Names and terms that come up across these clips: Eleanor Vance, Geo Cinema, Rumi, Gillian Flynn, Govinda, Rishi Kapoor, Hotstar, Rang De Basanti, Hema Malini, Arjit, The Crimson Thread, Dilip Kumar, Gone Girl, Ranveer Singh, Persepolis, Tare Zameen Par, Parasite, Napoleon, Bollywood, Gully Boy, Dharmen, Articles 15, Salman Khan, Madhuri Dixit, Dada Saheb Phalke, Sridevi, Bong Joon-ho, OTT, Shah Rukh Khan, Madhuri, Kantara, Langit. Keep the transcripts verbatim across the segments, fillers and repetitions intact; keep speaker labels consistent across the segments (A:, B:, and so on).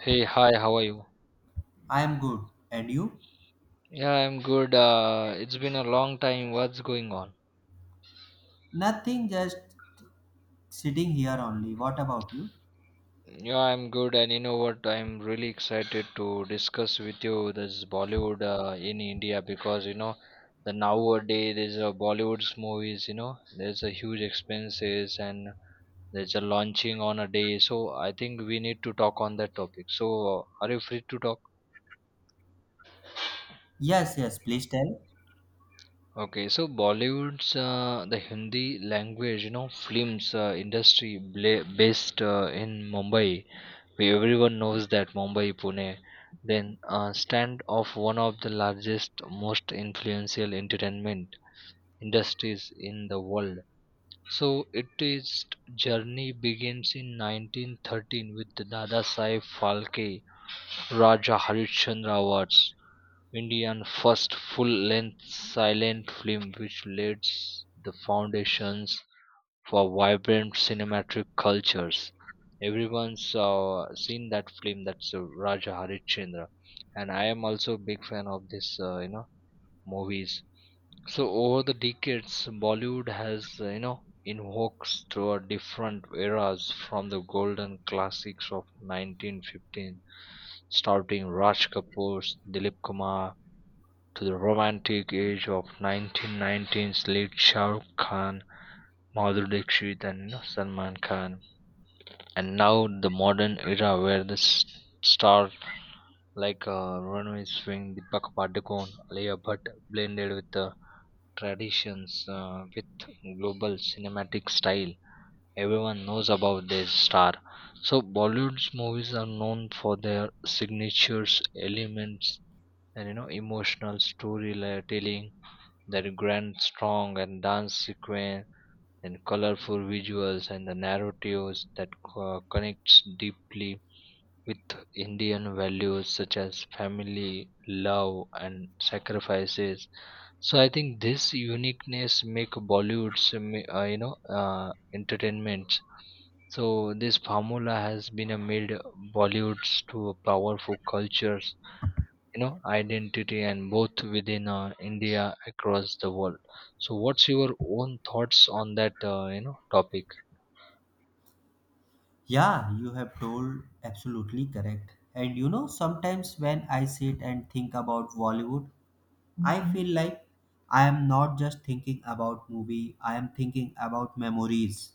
A: Hey, hi, how are you?
B: I am good. And you?
A: Yeah, I'm good. Uh, it's been a long time. What's going on?
B: Nothing, just sitting here only. What about you?
A: Yeah, I'm good, and you know what? I'm really excited to discuss with you this Bollywood uh, in India, because you know the nowadays there's a Bollywood's movies. You know there's a huge expenses, and there's a launching on a day. So I think we need to talk on that topic. So are you free to talk?
B: Yes, yes, please tell.
A: Okay, so Bollywood's uh, the Hindi language, you know, films uh, industry bla- based uh, in Mumbai. We everyone knows that Mumbai, Pune, then uh, stand of one of the largest, most influential entertainment industries in the world. So its journey begins in nineteen thirteen with the Dada Saheb Phalke, Raja Harishchandra Awards Indian first full-length silent film, which laid the foundations for vibrant cinematic cultures. Everyone's saw seen that film, that's uh, Raja Harishchandra, and I am also a big fan of this uh, you know movies. So over the decades, Bollywood has uh, you know invokes through a different eras, from the golden classics of nineteen fifteen starting Raj Kapoor's Dilip Kumar, to the romantic age of nineteen nineties late Shah Rukh Khan, Madhuri Dixit, and you know, Salman Khan. And now the modern era, where the s- star like uh, Ranveer Singh, Deepak Padukone, Alia Bhatt blended with the traditions uh, with global cinematic style. Everyone knows about this star. So Bollywood's movies are known for their signatures, elements, and you know emotional storytelling, that grand, strong, and dance sequence, and colorful visuals, and the narratives that co- connects deeply with Indian values such as family, love, and sacrifices. So I think this uniqueness make Bollywood's um, uh, you know uh, entertainment. So this formula has been uh, made Bollywood's to a powerful cultures you know identity, and both within uh, India across the world. So what's your own thoughts on that uh, you know topic?
B: Yeah, you have told absolutely correct. And you know, sometimes when I sit and think about Bollywood, I Mhm. feel like I am not just thinking about movie, I am thinking about memories,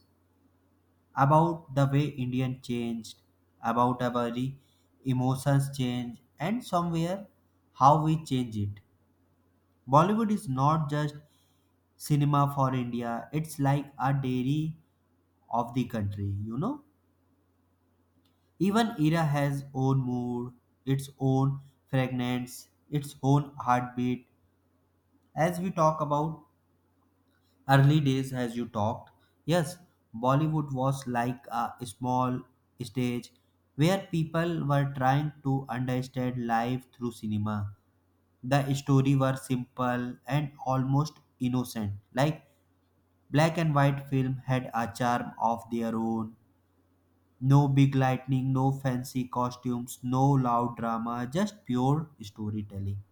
B: about the way Indian changed, about our e- emotions change, and somewhere how we change it. Bollywood is not just cinema for India. It's like a dairy of the country, you know. Even era has own mood, its own fragrance, its own heartbeat. As we talk about early days, as you talked, yes, Bollywood was like a small stage where people were trying to understand life through cinema. The story were simple and almost innocent, like black and white film had a charm of their own. No big lightning, no fancy costumes, no loud drama, just pure storytelling.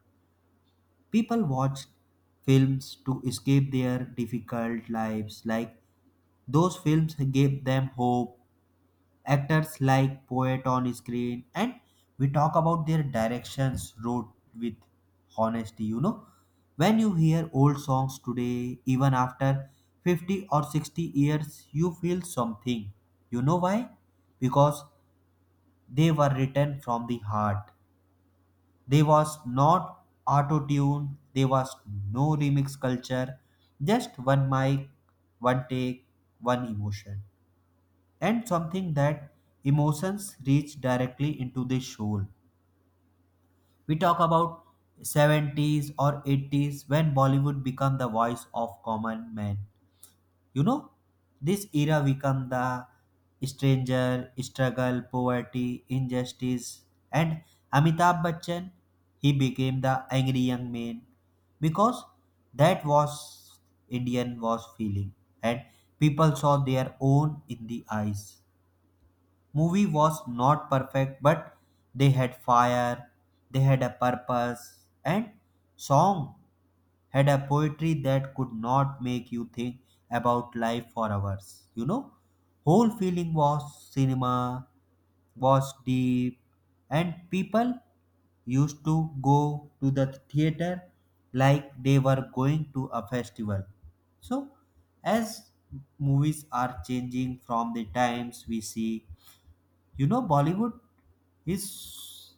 B: People watched films to escape their difficult lives, like those films gave them hope, actors like poet on screen, and we talk about their directions wrote with honesty, you know, when you hear old songs today even after fifty or sixty years you feel something. You know why? Because they were written from the heart. There was not auto tune, there was no remix culture, just one mic, one take, one emotion, and something that emotions reach directly into the soul. We talk about seventies or eighties when Bollywood became the voice of common man. You know, this era become the stranger, struggle, poverty, injustice, and Amitabh Bachchan, he became the angry young man because that was Indian was feeling, and people saw their own in the eyes. Movie was not perfect but they had fire, they had a purpose, and song had a poetry that could not make you think about life for hours, you know. Whole feeling was cinema was deep, and people used to go to the theater like they were going to a festival. So as movies are changing from the times we see, you know, Bollywood is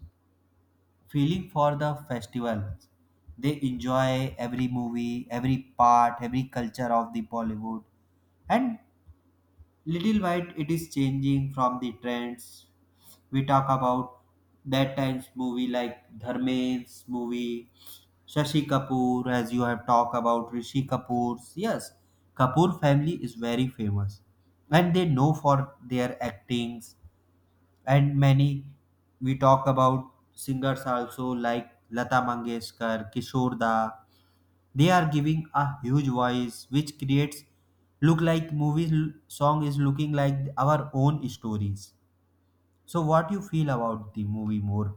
B: feeling for the festivals. They enjoy every movie, every part, every culture of the Bollywood. And little by little it is changing from the trends. We talk about that times movie like Dharmen's movie, Shashi Kapoor, as you have talked about Rishi Kapoor's. Yes, Kapoor family is very famous, and they know for their actings, and many we talk about singers also like Lata Mangeshkar, Kishore Da. They are giving a huge voice which creates, look like movie l- song is looking like our own stories. So what you feel about the movie more?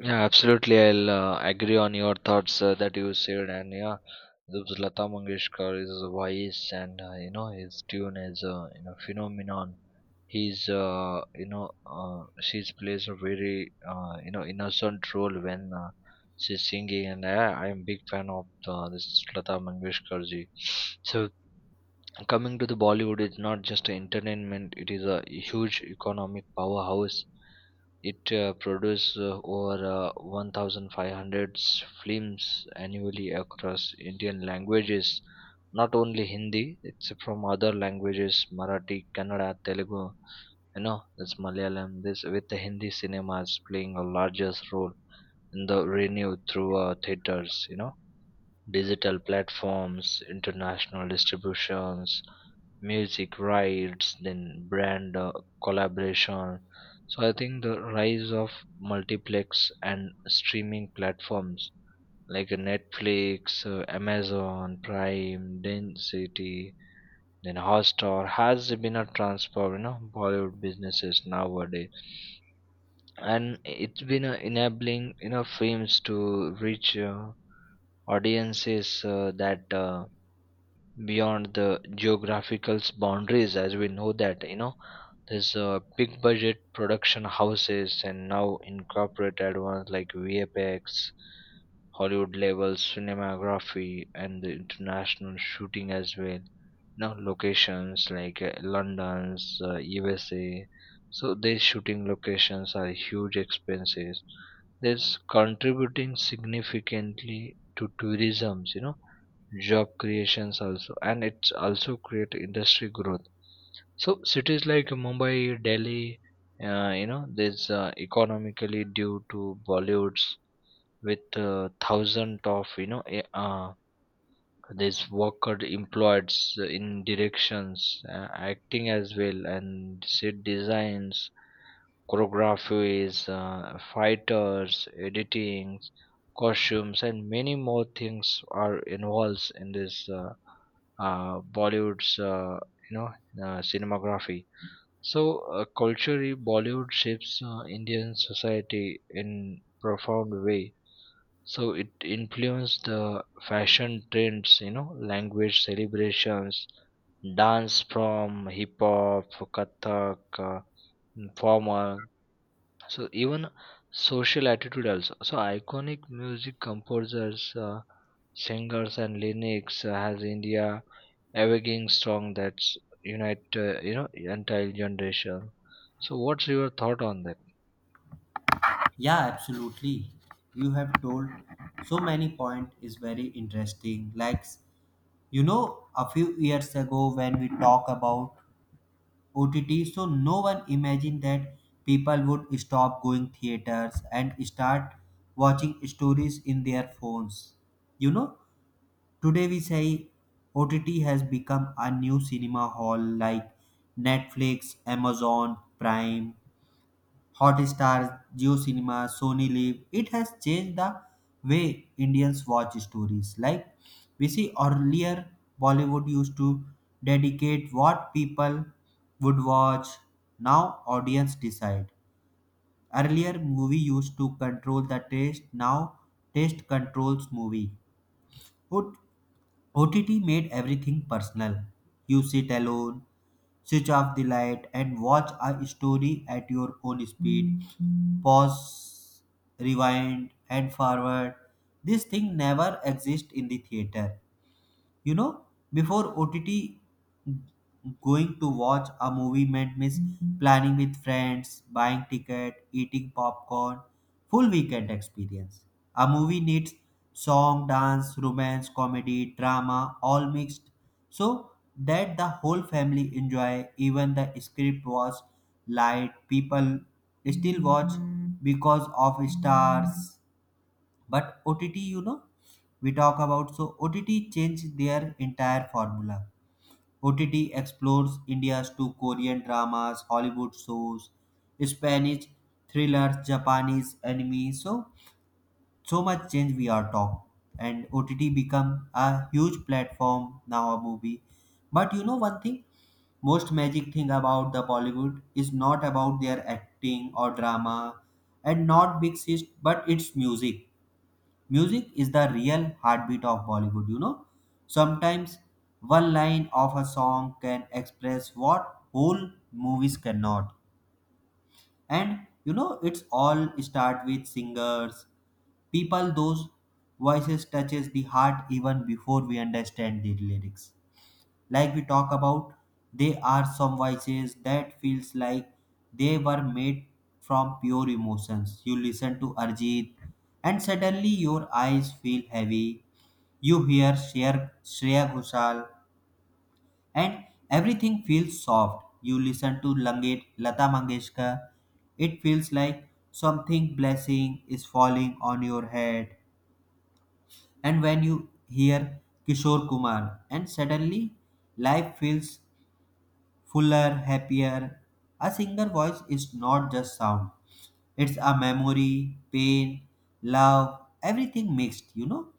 A: Yeah, absolutely. I'll uh, agree on your thoughts uh, that you said, and yeah, this Lata Mangeshkar is a voice, and uh, you know his tune is a uh, you know phenomenon. He's uh, you know uh, she's plays a very uh, you know innocent role when uh, she's singing, and I, I'm big fan of uh, this Lata Mangeshkar ji. So coming to the Bollywood is not just entertainment, it is a huge economic powerhouse. It uh, produces uh, over uh, one thousand five hundred films annually across Indian languages, not only Hindi. It's from other languages: Marathi, Kannada, Telugu, you know that's Malayalam, this with the Hindi cinemas playing a largest role in the revenue through uh, theaters, you know digital platforms, international distributions, music rights, then brand uh, collaboration. So I think the rise of multiplex and streaming platforms like uh, Netflix, uh, Amazon Prime Density, then Hotstar has been a transform you know Bollywood businesses nowadays, and it's been uh, enabling you know films to reach uh, audiences uh, that uh, beyond the geographical boundaries, as we know that you know there's uh, big budget production houses, and now incorporated ones like V F X, Hollywood level cinematography, and the international shooting as well. Now locations like uh, London's, uh, U S A, so these shooting locations are huge expenses. This contributing significantly to tourism, you know job creations also, and it's also create industry growth. So cities like Mumbai, Delhi, uh, you know there's uh, economically due to Bollywoods with uh, thousand of you know eh, uh, there's worker employed in directions, uh, acting as well, and set designs, choreographies, uh, fighters, editing, costumes, and many more things are involved in this uh, uh, Bollywood's uh, you know uh, cinematography. So uh, culturally, Bollywood shapes uh, Indian society in profound way. So it influenced the fashion trends, you know, language celebrations, dance from hip hop, kathak, uh, formal, so even social attitude also. So iconic music composers, uh, singers, and lyrics uh, has India evoking strong that's unite uh, you know entire generation. So what's your thought on that?
B: Yeah, absolutely. You have told so many point is very interesting. Like you know a few years ago when we talk about O T T. So no one imagined that people would stop going theaters and start watching stories in their phones. You know, today we say O T T has become a new cinema hall like Netflix, Amazon Prime, Hotstar, Geo Cinema, Sony Live. It has changed the way Indians watch stories. Like we see earlier, Bollywood used to dedicate what people would watch. Now audience decide. Earlier movie used to control the taste. Now taste controls movie. What O T T made everything personal. You sit alone, switch off the light, and watch a story at your own speed. Pause, rewind, and forward. This thing never exists in the theater, you know. Before OTT, going to watch a movie meant miss, planning with friends, buying ticket, eating popcorn, full weekend experience. A movie needs song, dance, romance, comedy, drama, all mixed, so that the whole family enjoy. Even the script was light, people still watch because of stars. But OTT, you know, we talk about, so OTT changed their entire formula. OTT explores India's to Korean dramas, Hollywood shows, Spanish thrillers, Japanese anime. So so much change we are talk, and OTT become a huge platform. Now a movie, but you know one thing, most magic thing about the Bollywood is not about their acting or drama, and not big sis, but it's music. Music is the real heartbeat of Bollywood, you know. Sometimes one line of a song can express what whole movies cannot. And you know, it's all start with singers, people those voices touches the heart even before we understand the lyrics. Like we talk about, they are some voices that feels like they were made from pure emotions. You listen to Arjit and suddenly your eyes feel heavy. You hear Shreya, Shreya Ghoshal and everything feels soft. You listen to Langit, Lata Mangeshkar. It feels like something blessing is falling on your head. And when you hear Kishore Kumar and suddenly life feels fuller, happier. A singer voice is not just sound, it's a memory, pain, love, everything mixed, you know.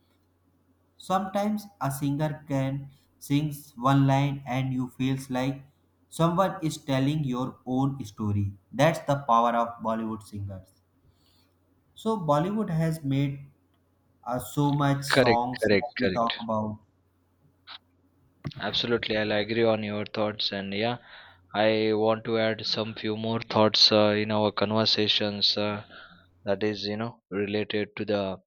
B: Sometimes a singer can sing one line and you feels like someone is telling your own story. That's the power of Bollywood singers. So Bollywood has made uh, so much
A: Correct,
B: songs
A: correct,
B: that we
A: correct.
B: talk about.
A: Absolutely, I'll agree on your thoughts, and yeah, I want to add some few more thoughts uh, in our conversations, uh, that is you know related to the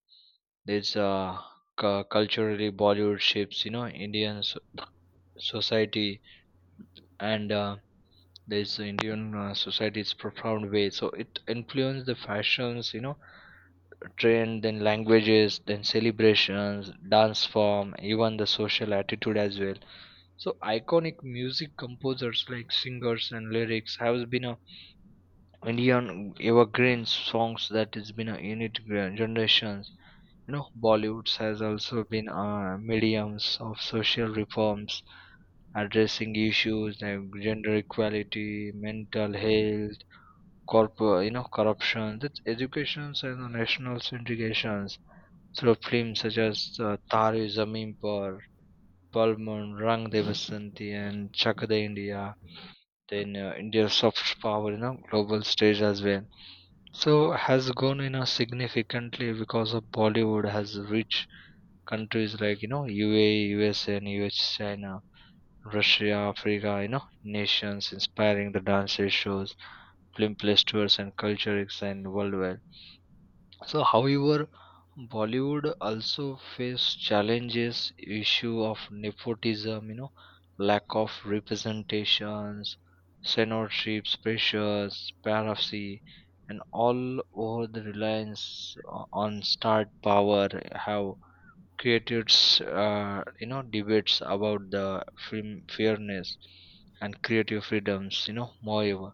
A: there's uh, cu- culturally Bollywood shapes you know Indian so- society, and uh, there's Indian uh, society's profound way. So it influenced the fashions, you know, trend, then languages, then celebrations, dance form, even the social attitude as well. So iconic music composers like singers and lyrics has been a Indian evergreen songs that has been a unit generations. you know Bollywood has also been uh, mediums of social reforms, addressing issues like gender equality, mental health, corporate, you know corruption, that's educations and the national syndications through films such as uh, Tare Zameen Par, Palman, Rang De Basanti, and Chak De India, then uh, India's soft power, you know, global stage as well. So has gone, you know, significantly, because of Bollywood has reached countries like you know U A E, and U S China, Russia, Africa, you know nations, inspiring the dance shows, film festivals, and culture and worldwide. So, however, Bollywood also faced challenges, issue of nepotism, you know, lack of representations, censorships, pressures, piracy, and all over the reliance o- on star power have created uh, you know debates about the film fairness and creative freedoms. You know moreover,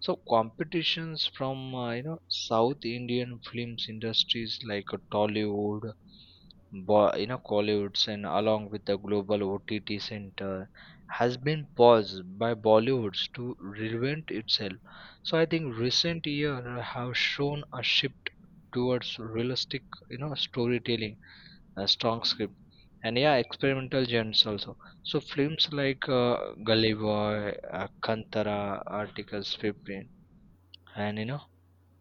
A: so competitions from uh, you know south Indian films industries like uh, Tollywood, Bo- you know collywoods, and along with the global O T T center has been paused by Bollywoods to reinvent itself. So I think recent year have shown a shift towards realistic you know storytelling, a strong script, and yeah, experimental genres also. So films like uh, Gully Boy, uh, Kantara, Articles fifteen, and you know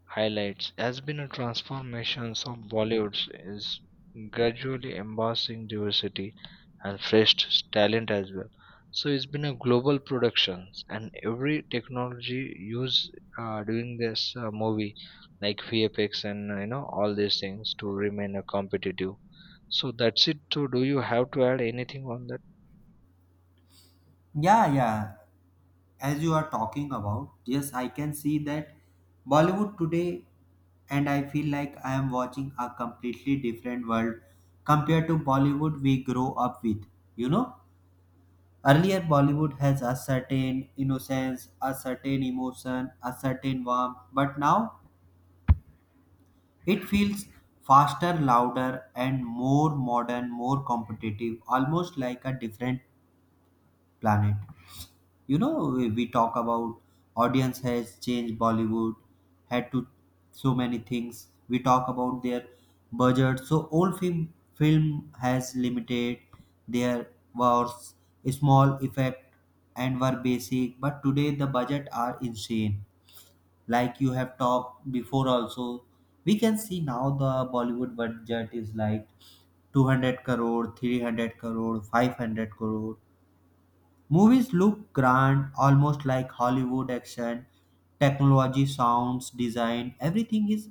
A: highlights has been a transformations of Bollywood, is gradually embracing diversity and fresh talent as well. So it's been a global productions, and every technology used uh, during this uh, movie, like V F X, and you know all these things to remain uh, competitive. So that's it. So do you have to add anything on that?
B: Yeah, yeah. As you are talking about, yes, I can see that Bollywood today, and I feel like I am watching a completely different world compared to Bollywood we grow up with. You know, earlier Bollywood has a certain innocence, a certain emotion, a certain warmth, but now it feels faster, louder, and more modern, more competitive, almost like a different planet. You know, we, we talk about audience has changed Bollywood, had to so many things we talk about their budget. So old film film has limited, there was small effect and were basic, but today the budget are insane. Like you have talked before also, we can see now the Bollywood budget is like two hundred crore, three hundred crore, five hundred crore. Movies look grand, almost like Hollywood action. Technology, sounds, design, everything is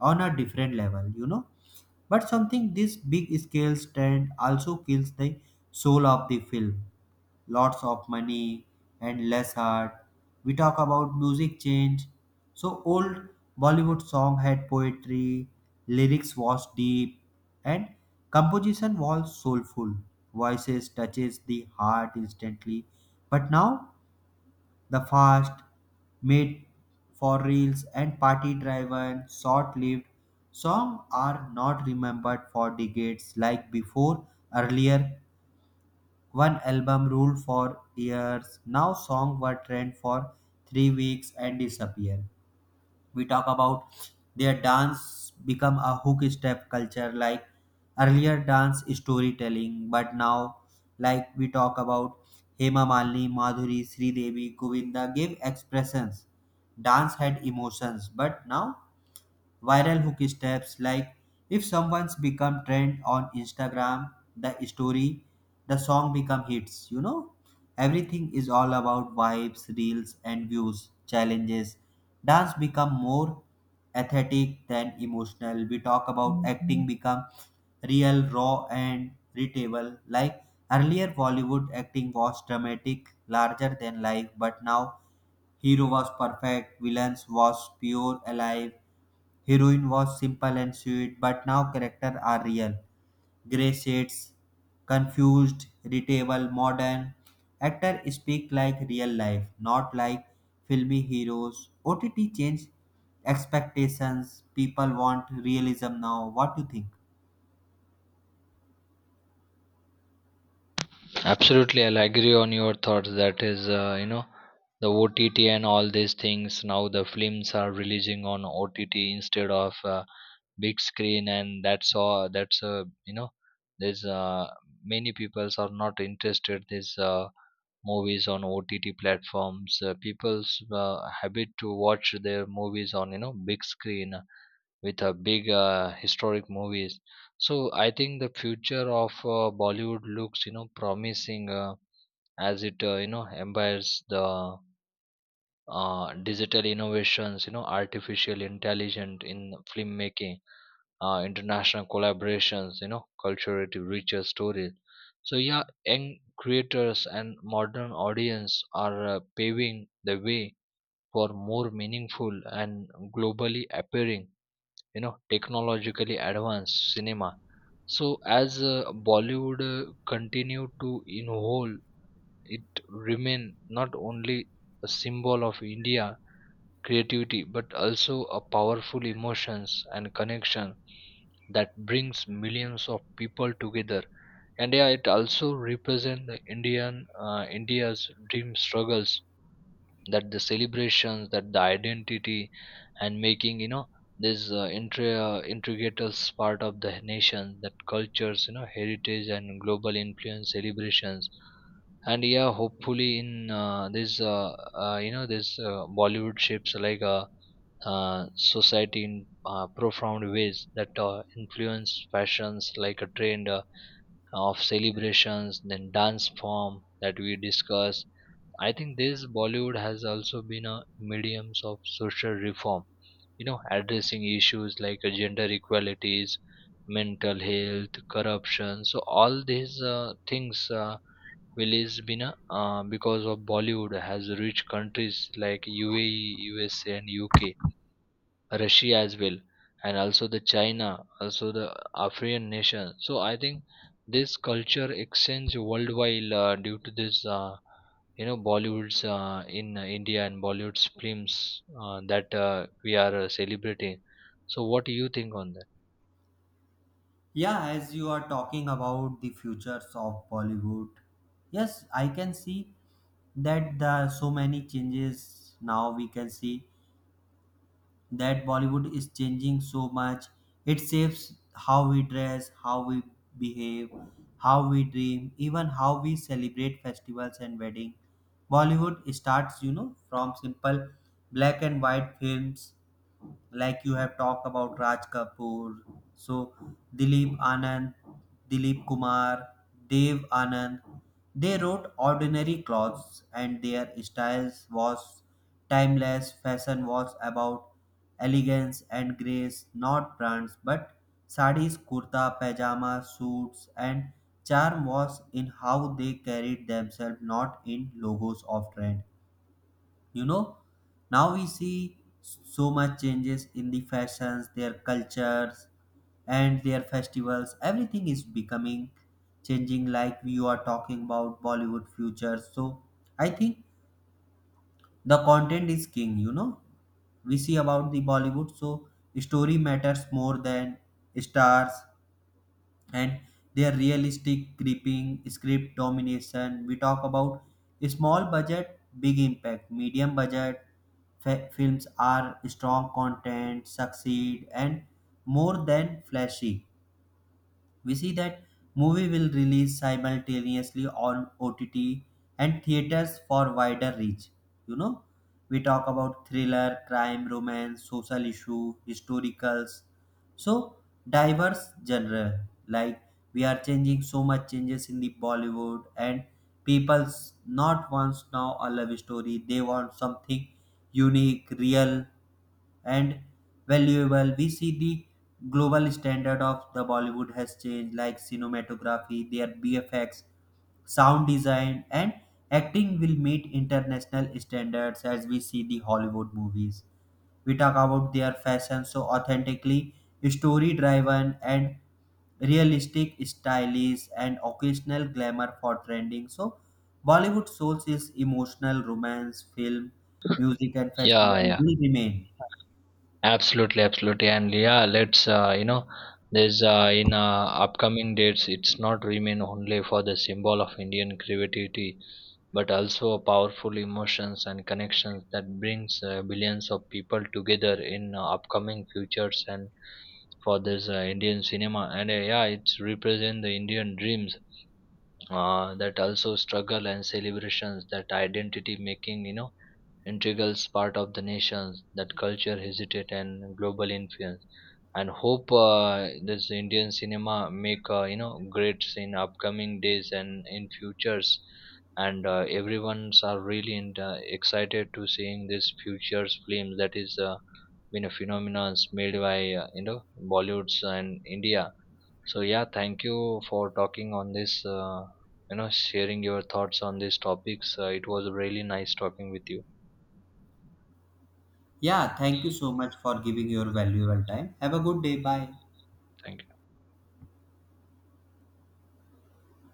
B: on a different level, you know. But something this big scale trend also kills the soul of the film, lots of money and less heart. We talk about music change. So old Bollywood song had poetry, lyrics was deep, and composition was soulful. Voices touches the heart instantly. But now the fast, made for reels and party driven, short lived songs are not remembered for decades like before. Earlier one album ruled for years. Now songs were trend for three weeks and disappear. We talk about their dance become a hook step culture. Like earlier dance storytelling, but now, like we talk about, Hema Malini, Madhuri, Sridevi, Devi, Govinda gave expressions. Dance had emotions, but now viral hook steps like if someone's become trend on Instagram, the story, the song become hits, you know. Everything is all about vibes, reels, and views challenges. Dance become more aesthetic than emotional. We talk about acting become real, raw, and readable. Like earlier Bollywood acting was dramatic, larger than life, but now hero was perfect, villains was pure alive. Heroine was simple and sweet, but now characters are real. Gray shades, confused, readable, modern. Actors speak like real life, not like filmy heroes. O T T changed expectations. People want realism now. What do you think?
A: Absolutely, I'll agree on your thoughts. That is, uh, you know, the O T T and all these things. Now the films are releasing on O T T instead of uh, big screen, and that's all. That's uh, you know, there's uh, many people are not interested these uh, movies on O T T platforms. Uh, people's uh, habit to watch their movies on you know big screen with a big uh, historic movies. So I think the future of uh, Bollywood looks you know promising, uh, as it uh, you know embeds the uh, digital innovations, you know artificial intelligence in filmmaking, uh, international collaborations, you know culturally richer stories. So yeah, young creators and modern audience are uh, paving the way for more meaningful and globally appearing, you know technologically advanced cinema. So as uh, Bollywood uh, continue to in whole, it remain not only a symbol of India creativity, but also a powerful emotions and connection that brings millions of people together, and yeah, it also represents the indian uh, India's dream struggles, that the celebrations, that the identity, and making you know this uh, intri- uh, integral part of the nation, that cultures, you know heritage, and global influence celebrations. And yeah, hopefully in uh, this uh, uh, you know this uh, Bollywood shapes like a uh, society in uh, profound ways, that uh, influence fashions like a trend uh, of celebrations, then dance form that we discuss. I think this Bollywood has also been a mediums of social reform, you know, addressing issues like uh, gender equalities, mental health, corruption. So all these uh, things uh, will is been a, uh, because of Bollywood has reached countries like U A E, U S A, and U K, Russia as well, and also the China, also the African nation. So I think this culture exchange worldwide uh, due to this, uh, you know, Bollywood's uh, in uh, India, and Bollywood's films uh, that uh, we are uh, celebrating. So what do you think on that?
B: Yeah, as you are talking about the futures of Bollywood, yes, I can see that the so many changes now we can see that Bollywood is changing so much. It shapes how we dress, how we behave, how we dream, even how we celebrate festivals and weddings. Bollywood starts, you know, from simple black and white films like you have talked about Raj Kapoor, so Dilip Anand, Dilip Kumar, Dev Anand. They wrote ordinary clothes and their styles was timeless. Fashion was about elegance and grace, not brands, but sarees, kurta, pajama, suits, and charm was in how they carried themselves, not in logos of trend. You know, now we see so much changes in the fashions, their cultures, and their festivals, everything is becoming changing. Like you are talking about Bollywood future, so I think the content is king, you know. We see about the Bollywood, so story matters more than stars, and their realistic gripping script domination. We talk about small budget big impact, medium budget fa- films are strong content succeed and more than flashy. We see that movie will release simultaneously on O T T and theaters for wider reach. You know, we talk about thriller, crime, romance, social issue, historicals. So diverse genre. Like we are changing so much changes in the Bollywood, and people's not wants now a love story. They want something unique, real, and valuable. We see the global standard of the Bollywood has changed, like cinematography, their B F X, sound design, and acting will meet international standards as we see the Hollywood movies. We talk about their fashion so authentically story driven and realistic, stylish and occasional glamour for trending. So Bollywood souls is emotional romance, film, music, and
A: Yeah,
B: festival
A: yeah,
B: will remain.
A: absolutely, absolutely, and yeah, let's, uh, you know, there's uh, in uh, upcoming dates, it's not remain only for the symbol of Indian creativity, but also powerful emotions and connections that brings uh, billions of people together in uh, upcoming futures, and for this uh, Indian cinema, and uh, yeah, it's represent the Indian dreams, uh, that also struggle and celebrations, that identity making, you know integral part of the nations, that culture hesitate and global influence. And hope uh, this Indian cinema make uh, you know greats in upcoming days and in futures. And uh, everyone's are really in, uh, excited to seeing this futures film that is uh, been a phenomenon made by uh, you know Bollywoods and India. So yeah, thank you for talking on this, uh, you know sharing your thoughts on these topics. Uh, it was really nice talking with you.
B: Yeah, thank you so much for giving your valuable time. Have a good day. Bye.
A: Thank you.